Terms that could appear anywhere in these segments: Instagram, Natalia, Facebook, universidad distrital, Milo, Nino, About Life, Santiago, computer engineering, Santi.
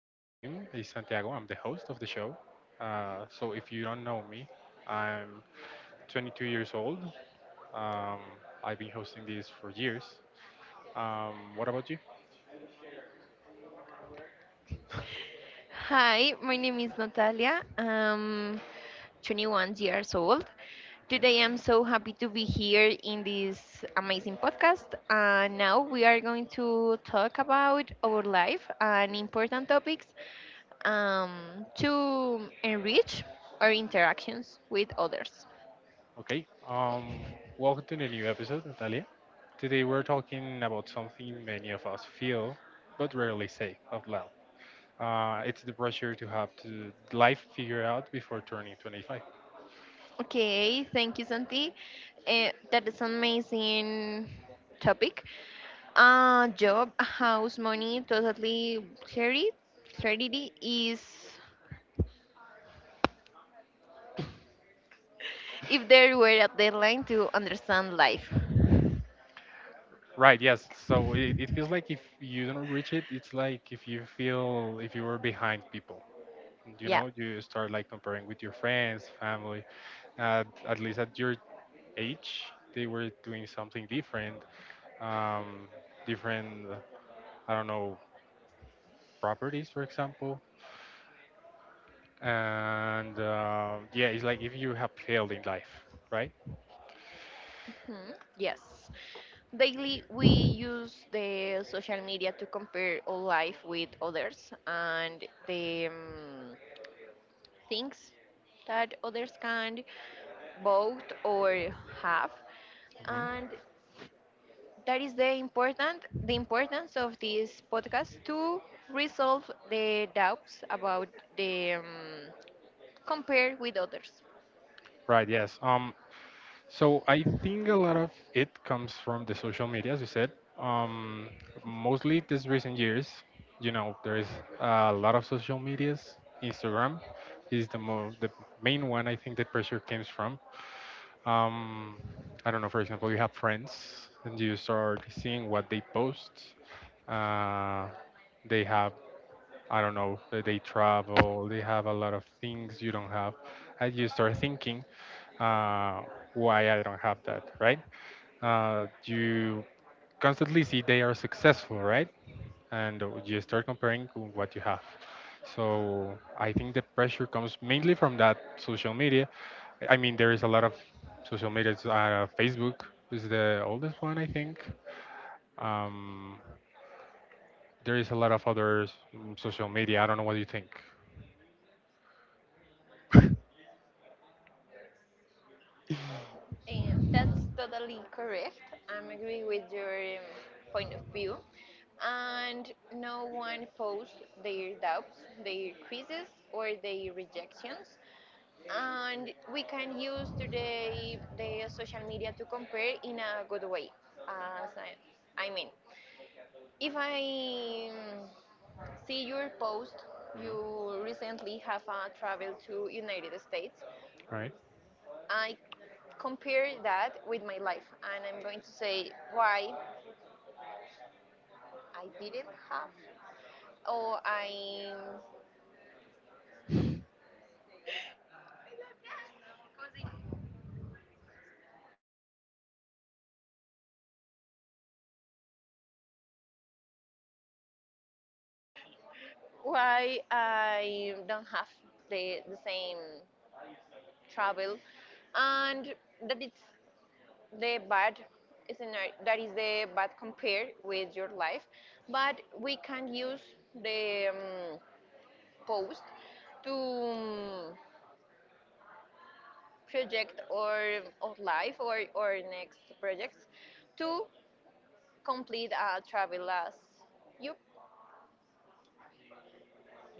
My name is Santiago. I'm the host of the show. So, if you don't know me, I'm 22 years old. Um, I've been hosting this for years. What about you? Hi, my name is Natalia. I'm 21 years old. Today I'm so happy to be here in this amazing podcast. Now we are going to talk about our life and important topics to enrich our interactions with others. Okay. Welcome to the new episode, Natalia. Today we're talking about something many of us feel but rarely say out loud. It's the pressure to have to life figured out before turning 25. Okay, thank you, Santi. That is an amazing topic. Job, house, money, totally clarity. Clarity is if there were a deadline to understand life. Right, yes. So it feels like if you don't reach it, it's like if you feel if you were behind people. You Yeah. know, you start like comparing with your friends, family. At least at your age, they were doing something different. Um, different, I don't know, properties, for example. And yeah, it's like if you have failed in life, right? Hmm, yes. Daily, we use the social media to compare our life with others, and the things that others can, both or half, Hmm. and that is the important the importance of this podcast to resolve the doubts about the compare with others. Right, yes. So I think a lot of it comes from the social media, as you said. Um, mostly these recent years, you know, there is a lot of social medias. Instagram is the main one I think the pressure comes from. Um, I don't know, for example, you have friends and you start seeing what they post. Uh, they have, I don't know, they travel, they have a lot of things you don't have. And you start thinking, uh, why I don't have that, right? You constantly see they are successful, right? And you start comparing to what you have. So I think the pressure comes mainly from that social media. I mean, there is a lot of social media. Facebook is the oldest one, I think. Um, there is a lot of other social media. I don't know what you think. Mhm. That's totally correct. I'm agree with your point of view, and no one posts their doubts, their quizzes, or their rejections. And we can use today the social media to compare in a good way. As I mean, if I see your post, you recently have a travel to United States. Right. I compare that with my life, and I'm going to say why I didn't have, or I, why I don't have the same travel. And that it's the bad scenario, that is the bad compared with your life. But we can use the post to project our life or our next projects to complete a travel as you.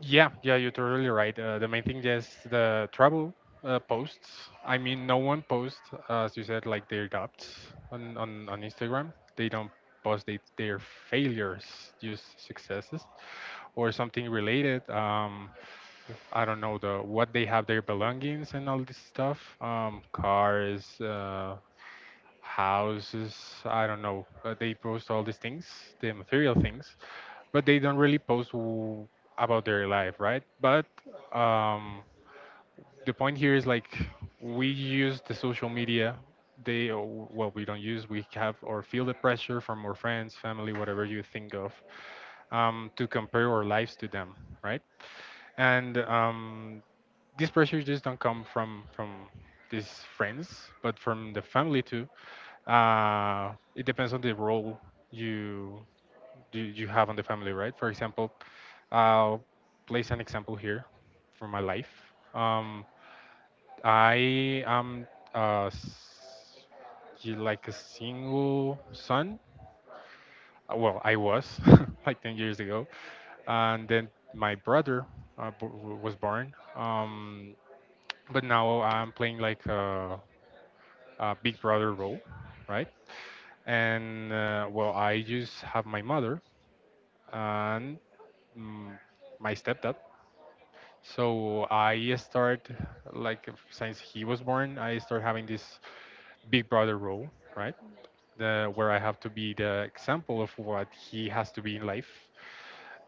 Yeah, yeah, you're totally right. The main thing is the travel posts. I mean, no one posts, as you said, like their doubts on Instagram. They don't post their failures, just successes or something related. I don't know the what they have their belongings and all this stuff. Cars, houses. I don't know. They post all these things, the material things, but they don't really post about their life, right? But um, the point here is like we use the social media. They we don't use. We have or feel the pressure from our friends, family, whatever you think of, to compare our lives to them, right? And these pressures just don't come from these friends, but from the family too. It depends on the role you you have on the family, right? For example, I'll place an example here from my life. Um, I am uh, s- you like a single son. Well, I was like 10 years ago, and then my brother was born. But now I'm playing like a big brother role, right? And well, I just have my mother and mm, my stepdad. So I start like f- since he was born, I start having this big brother role, right? The where I have to be the example of what he has to be in life,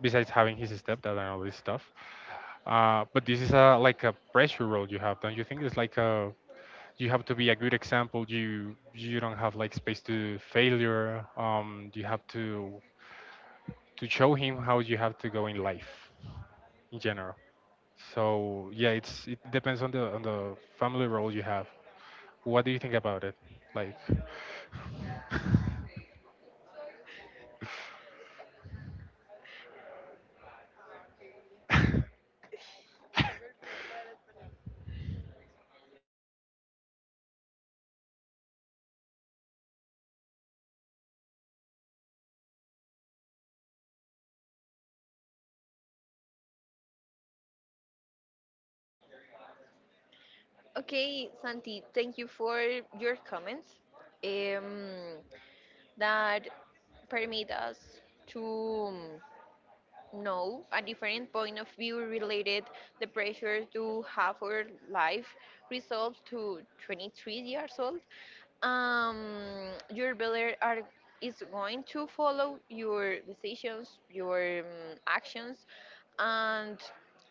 besides having his stepdad and all this stuff. But this is a like a pressure role you have, don't you think? It's like a you have to be a good example. You don't have like space to failure. You have to show him how you have to go in life in general. So yeah, it depends on the family role you have. What do you think about it? Like, Okay, Santi, thank you for your comments um, that permit us to know a different point of view related the pressure to have our life resolved to 23 years old. Your brother are is going to follow your decisions, your actions. And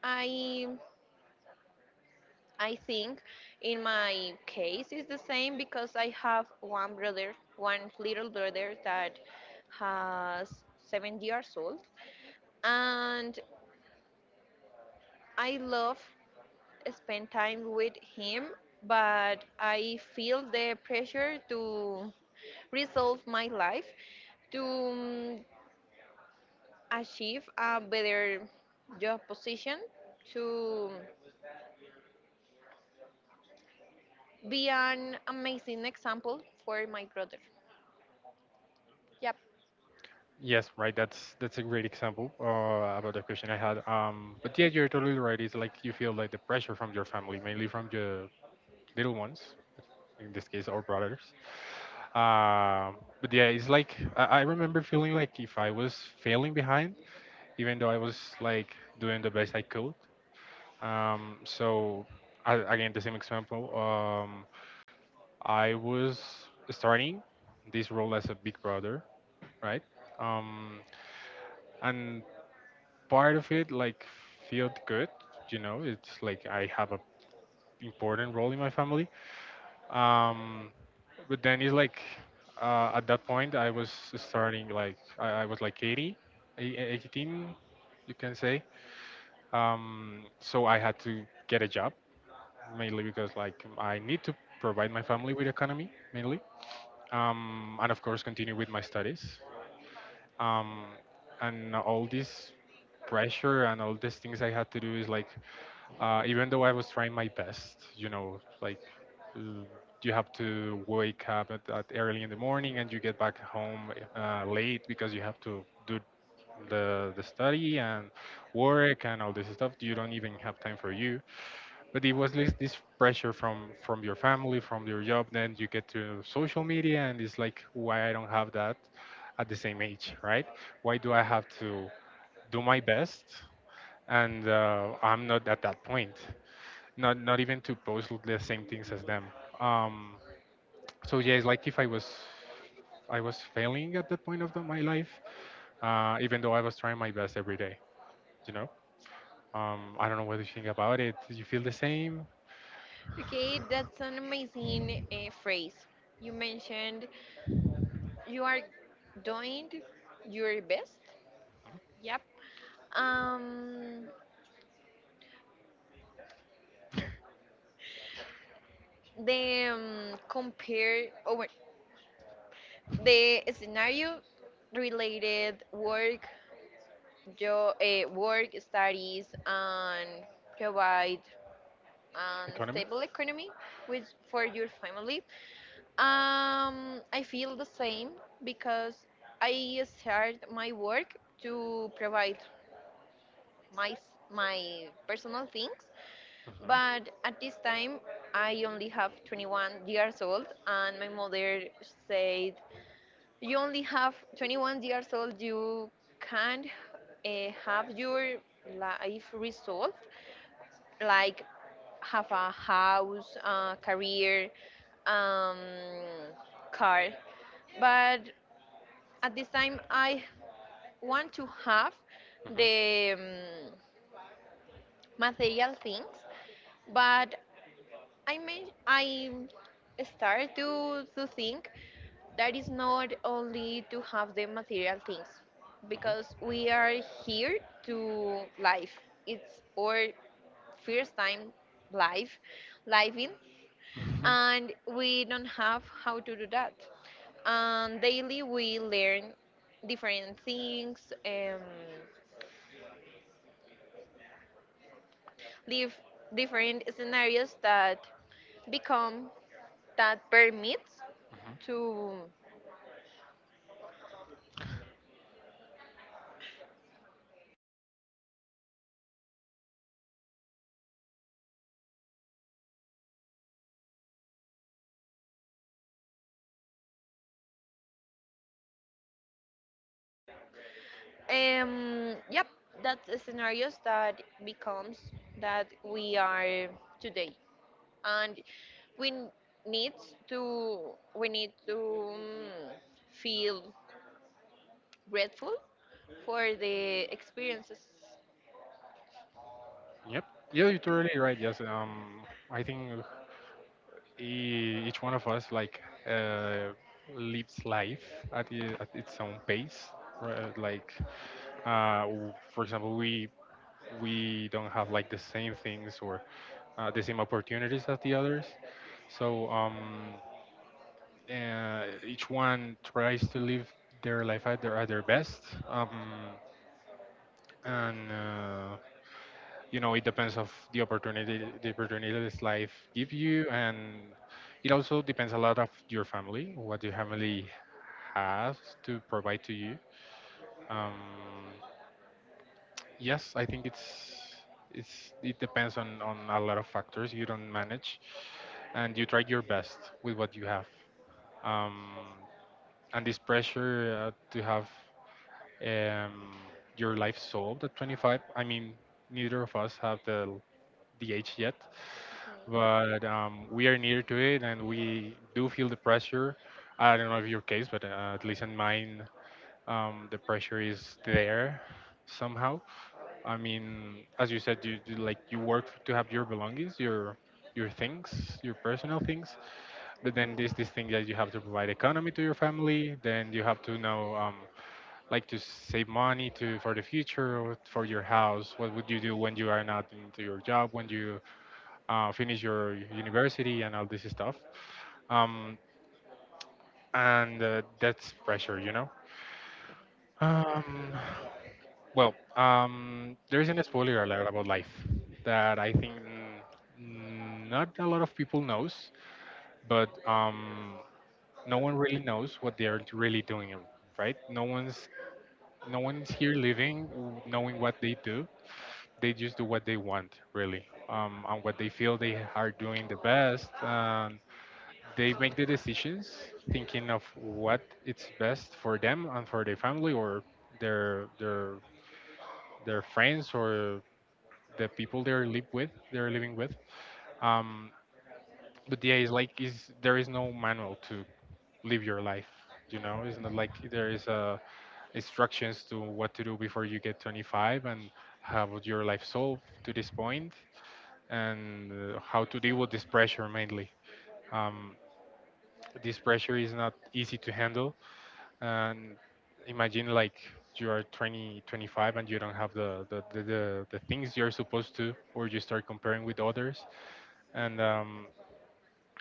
i I think in my case it's the same, because I have one brother, one little brother, that has 7 years old. And I love spend time with him, but I feel the pressure to resolve my life to achieve a better job position, to be an amazing example for my brother. Yep. yes, right. That's a great example about the question I had. But yeah, you're totally right. It's like you feel like the pressure from your family, mainly from the little ones, in this case, our brothers. But yeah, it's like I remember feeling like if I was failing behind, even though I was like doing the best I could. So I, again, the same example. I was starting this role as a big brother, right? Um, and part of it like felt good, you know. It's like I have a important role in my family. Um, but then it's like at that point I was starting like I was like 80, 18, you can say. So I had to get a job mainly because like I need to provide my family with economy mainly. And of course continue with my studies. Um, and all this pressure and all these things I had to do is like, even though I was trying my best, you know, like uh, you have to wake up at early in the morning and you get back home late because you have to do the study and work and all this stuff. You don't even have time for you. But it was like this pressure from your family, from your job. Then you get to social media, and it's like, why I don't have that at the same age, right? Why do I have to do my best, and I'm not at that point. Not even to post the same things as them. Um, so yeah, it's like if I was I was failing at that point of my life, even though I was trying my best every day. You know, I don't know what you think about it. Do you feel the same? Okay, that's an amazing phrase. You mentioned you are doing your best. Yep. Um, the compare over the scenario related work, work studies, and provide an Economy? stable economy with for your family. I feel the same because I start my work to provide my personal things, Uh-huh. but at uh this time I only have 21 years old, and my mother said you only have 21 years old, you can't have your life resolved, like have a house, a career, um, car. But at this time I want to have hmm. Mhm. the material things. But I may I start to think that is not only to have the material things, because we are here to live. It's our first time live living, and we don't have how to do that. And daily we learn different things and live different scenarios that become, that permits Mhm. to. Yep, that's the scenarios that becomes that we are today, and we n- need we need to mm, feel grateful for the experiences. Yep. Yeah, you're totally right. Yes. I think each one of us like uh, lives life at its own pace, right? Like for example, we don't have like the same things or the same opportunities as the others. So each one tries to live their life at their best, um, and you know it depends of the opportunities life give you, and it also depends a lot of your family, what your family has to provide to you. Um, Yes, I think it depends on a lot of factors you don't manage, and you tried your best with what you have. Um, and this pressure to have um, your life solved at 25. I mean, neither of us have the age yet, Mhm. but we are near to it, and we do feel the pressure. I don't know if your case, but at least in mine, the pressure is there somehow. I mean, as you said, you like you work to have your belongings, your things, your personal things. But then there's this thing that you have to provide economy to your family. Then you have to know, like, to save money to for the future or for your house. What would you do when you are not into your job, when you finish your university and all this stuff? Um, and that's pressure, you know. Um, Well, there is an spoiler alert about life that I think not a lot of people knows, but no one really knows what they are really doing, right? No one's here living knowing what they do. They just do what they want, really, and what they feel they are doing the best. They make the decisions thinking of what it's best for them and for their family or their their their friends or the people they're living with. um but yeah, it's like is there is no manual to live your life, you know. It's not like there is a instructions to what to do before you get 25 and how would your life solve to this point and how to deal with this pressure mainly. um, this pressure is not easy to handle, and imagine like you are 20 25 and you don't have the things you're supposed to, or you start comparing with others, and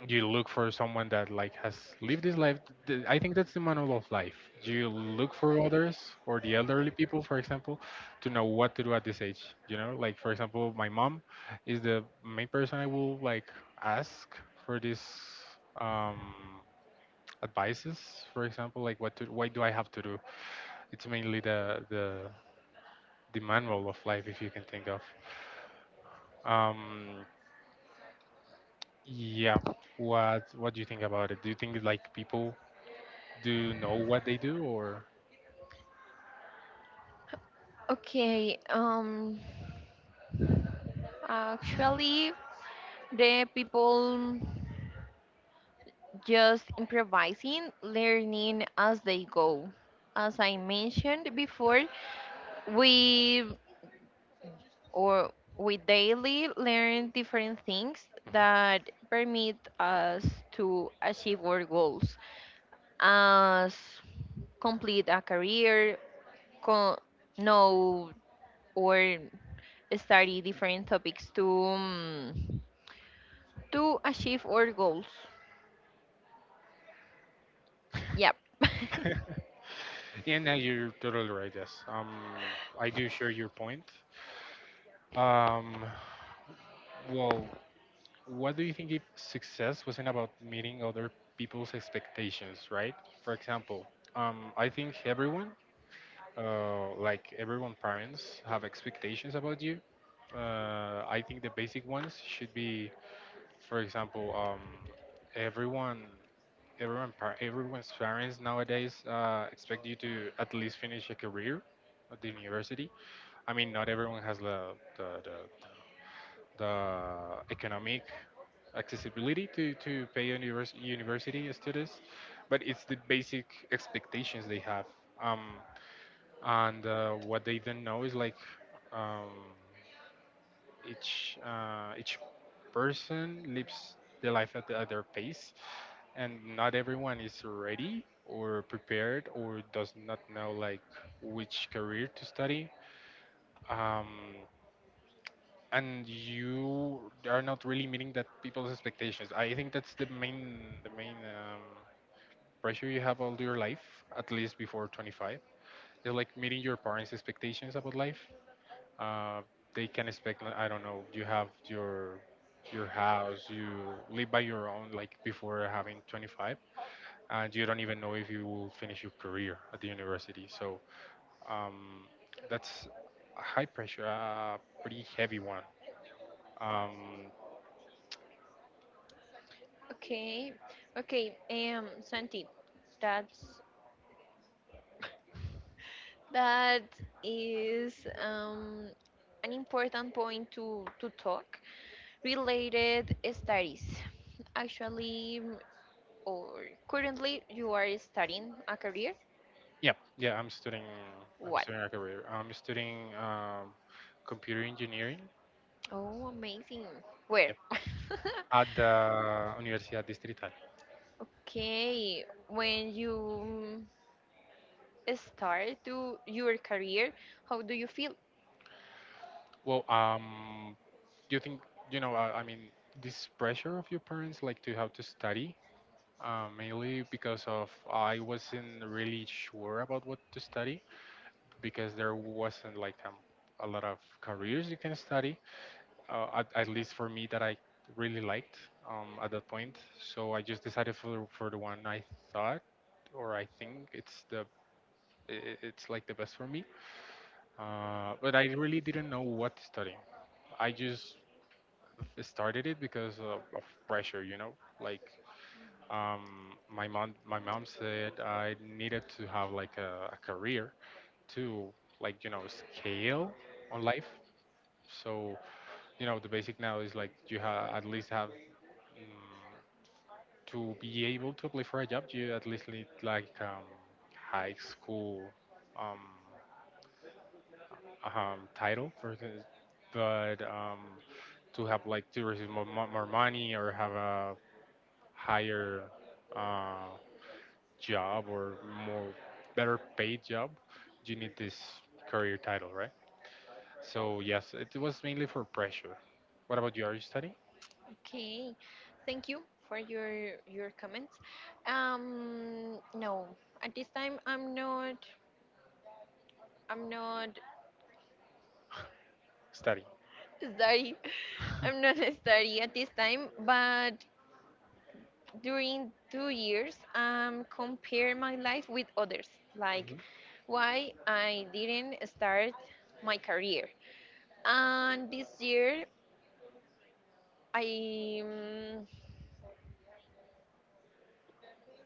you look for someone that like has lived this life. I think that's the manual of life. You look for others or the elderly people, for example, to know what to do at this age. You know, like for example my mom is the main person I will like ask for this um advices, for example, like what to what do I have to do. It's mainly the manual of life, if you can think of. um yeah. What do you think about it? Do you think like people do you know what they do or? Okay, actually, the people just improvising, learning as they go. As I mentioned before, we or we daily learn different things that permit us to achieve our goals, as complete a career, co- know or study different topics to achieve our goals. Yep. Yeah, no, you're totally right. Yes, I do share your point. Um, well, what do you think if success wasn't about meeting other people's expectations, right? For example, I think everyone, parents have expectations about you. I think the basic ones should be. For example, everyone, everyone's parents nowadays expect you to at least finish a career at the university. I mean, not everyone has the economic accessibility to pay university students, but it's the basic expectations they have. Um, and What they don't know is like um, each person lives their life at their pace, and not everyone is ready or prepared or does not know like which career to study. Um, and you are not really meeting that people's expectations. I think that's the main pressure you have all your life, at least before 25. It's like meeting your parents' expectations about life. uh, they can expect like, I don't know, you have your house, you live by your own, like, before having 25, and you don't even know if you will finish your career at the university. So um, that's a high pressure, a pretty heavy one. um, Okay, okay, Santi, that's that is um, an important point to talk. Related studies. Actually, mm, or currently, you are studying a career? yeah, I'm studying. I'm What? studying a career. I'm studying computer engineering Oh, amazing. Where? at the Universidad Distrital. Okay, when you mm, start to your career, how do you feel? Well, do you think, you know? I mean, this pressure of your parents, like, to have to study, mainly because of I wasn't really sure about what to study, because there wasn't like a lot of careers you can study, at least for me, that I really liked at that point. So I just decided for the one I thought or I think it's the it's like the best for me. But I really didn't know what to study. I just started it because of pressure, you know. Like my mom said I needed to have like a career to like scale on life. So the basic now is like you at least have, mm, to be able to apply for a job. You at least need like high school um, title for this, but to have like to receive more money or have a higher uh, job or more better paid job, you need this career title, right? So yes, it was mainly for pressure. What about you? Are you studying? Okay, thank you for your comments. No, at this time I'm not Studying. sorry. I'm not sorry at this time, but during 2 years compare my life with others, like why I didn't start my career. And I um,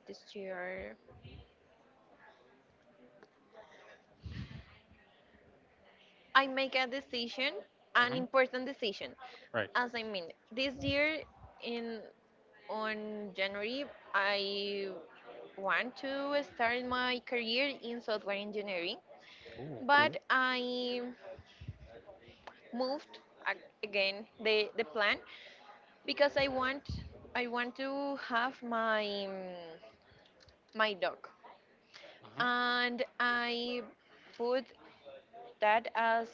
this year I make a decision, Mhm, an mhm. important decision. Right. As I mean, this year in on January, I want to start my career in software engineering. Oh, But cool. I moved again the plan because I want to have my dog, Mhm, and I put that as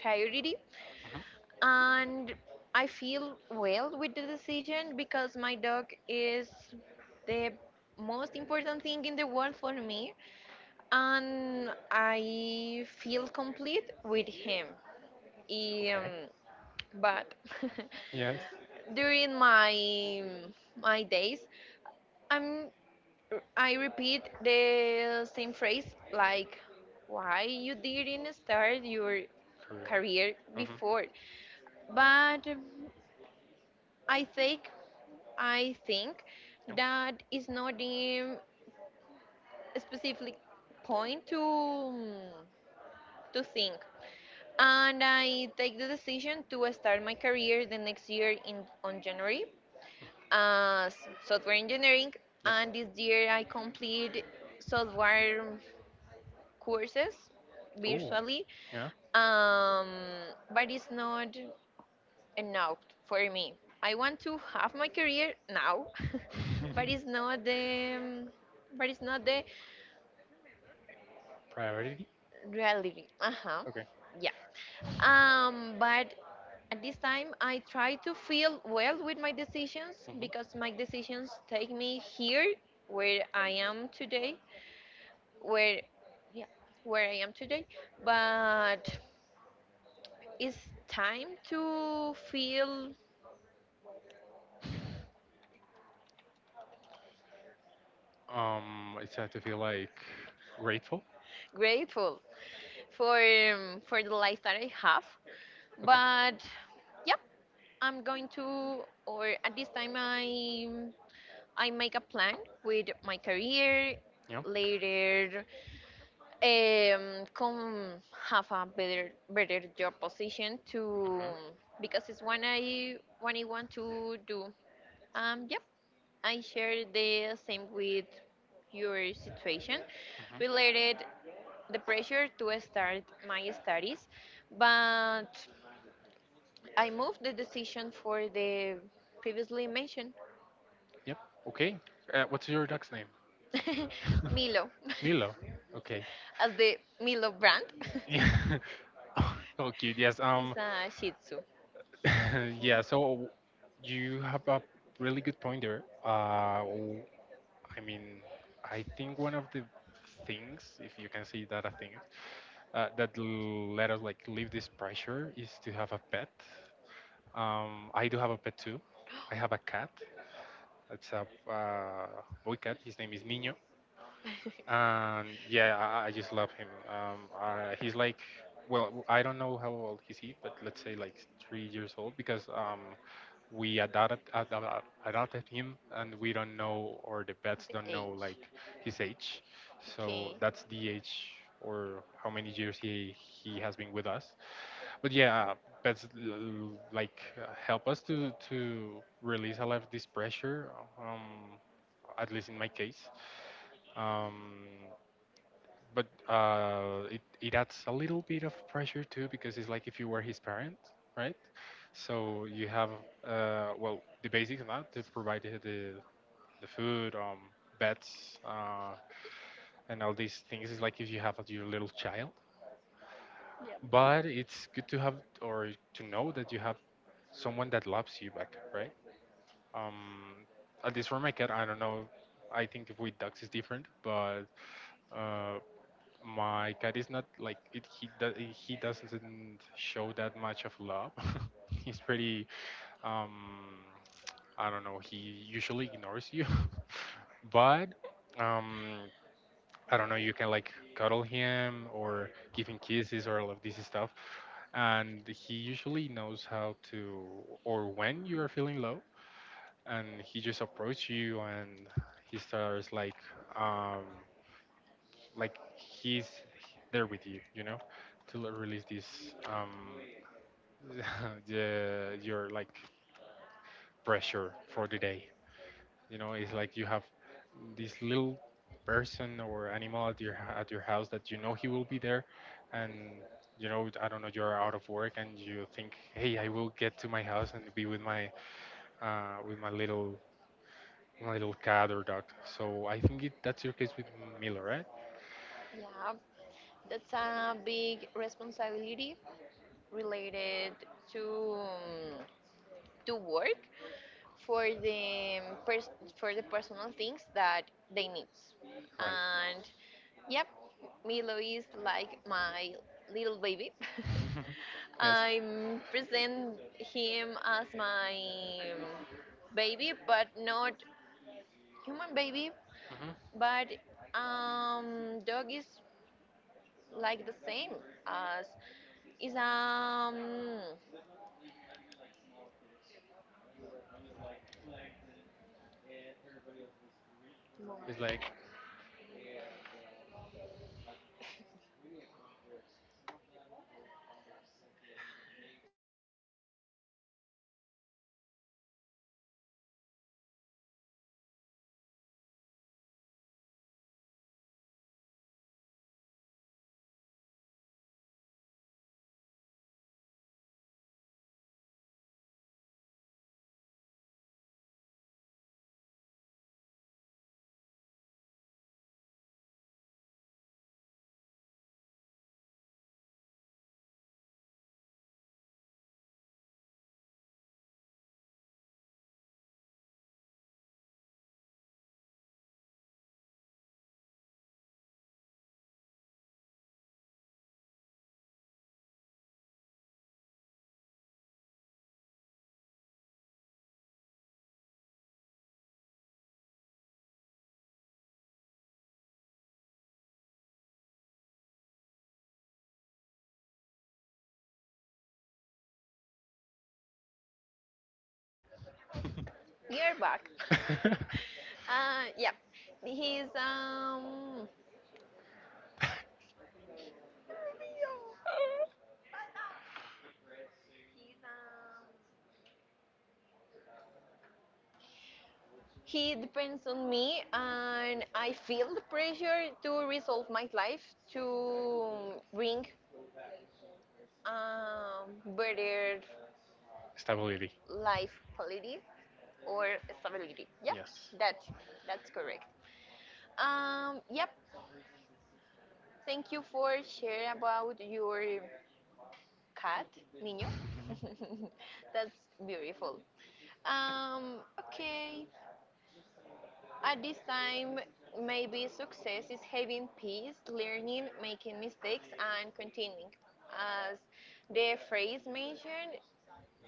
priority. mhm. And I feel well with the decision because my dog is the most important thing in the world for me, and I feel complete with him. Okay. Um, but Yes. during my days, I'm I repeat the same phrase, like, "Why you didn't start your Career. career Mhm, before?" But I think I think yep. that is not the specific point to think. And I take the decision to start my career the next year in on January as software engineering. And this year I complete software courses Oh, virtually, yeah. um, but it's not enough for me. I want to have my career now, but it's not the but it's not the Priority? real living. Uh huh. Okay. Yeah. But at this time, I try to feel well with my decisions, Hmm. because my decisions take me here where I am today. Where, yeah, where I am today. But it's time to feel I had to feel like grateful. grateful for the life that I have. Okay. But yeah, I'm going to, or at this time, I make a plan with my career Yeah. later. Come have a better job position, to Hmm. because it's when I want to do, yep, I share the same with your situation related Hmm. the pressure to start my studies. But I moved the decision for the previously mentioned. Yep. Okay. What's your dog's name? Milo. Milo. Okay. As the Milo brand. Yeah. Oh, cute. Yes. Is a Shih Tzu. Yeah, so you have a really good point there. I mean, I think one of the things, if you can say that a thing, that let us like leave this pressure is to have a pet. I do have a pet too. I have a cat. It's a boy cat. His name is Nino. And yeah, I just love him. He's like, well, I don't know how old is he, but let's say like 3 years old, because we adopted him, and we don't know, or the vets The don't know age. like his age. So Okay. that's the age or how many years he has been with us. But yeah, pets like help us to release a lot of this pressure. Um, at least in my case. Um, but it adds a little bit of pressure too, because it's like if you were his parent, right? So you have, well, the basics now to provide the food, beds, and all these things. It's like if you have like your little child. Yep. But it's good to have or to know that you have someone that loves you back, right? Um, at least for my cat, I don't know. I think with dogs it's different, but uh, my cat is not like it. He doesn't show that much of love. He's pretty. Um, I don't know. He usually ignores you, but um, I don't know. You can like cuddle him or give him kisses or all of this stuff, and he usually knows how to or when you are feeling low, and he just approaches you and he starts um, like he's there with you, you know, release this, the your like pressure for the day, you know. It's like you have this little person or animal at your house that, you know, he will be there. And you know, I don't know, you're out of work and you think, hey, I will get to my house and be with my little, my little cat or dog. So I think that's your case with Miller, right? Yeah, that's a big responsibility related to work for pers- for the personal things that they need. Right. And yep, Milo is like my little baby. Yes. I present him as my baby, but not human baby, Hmm. but dog is like the same as is. It's like We are back. Yeah, he's. He depends on me, and I feel the pressure to resolve my life, to bring better stability. life quality or stability. Yeah, Yes. that that's correct. Yep. Thank you for sharing about your cat, Nino. Hmm. That's beautiful. Um, okay. At this time, maybe success is having peace, learning, making mistakes, and continuing. As the phrase mentioned,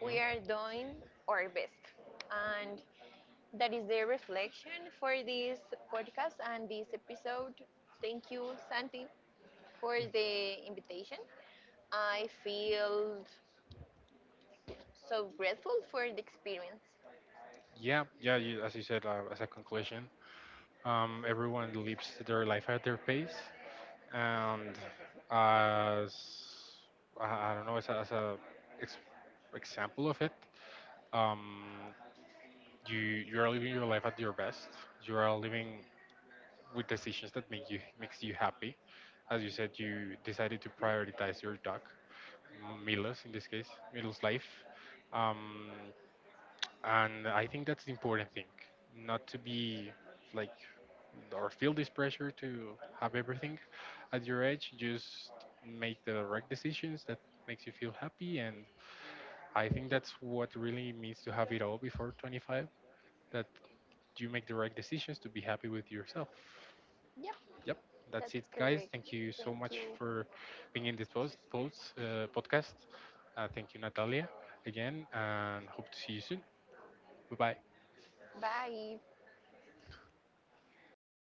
we are doing our best. And that is the reflection for this podcast and this episode. Thank you, Santi, for the invitation. I feel so grateful for the experience. Yeah, yeah. You, as you said, as a conclusion, everyone lives their life at their pace, and as I don't know, as as a ex- example of it, um, you are living your life at your best. You are living with decisions that makes you happy. As you said, you decided to prioritize your dog, Milos in this case, Milos' life, um, and I think that's the important thing. Not to be like or feel this pressure to have everything at your edge. Just make the right decisions that makes you feel happy, and I think that's what really means to have it all before 25. That you make the right decisions to be happy with yourself. Yep, Yep, that's it, that's guys. correct. Thank you so Thank much you. for being in this post podcast. Thank you, Natalia, again, and hope to see you soon. Bye bye. Bye.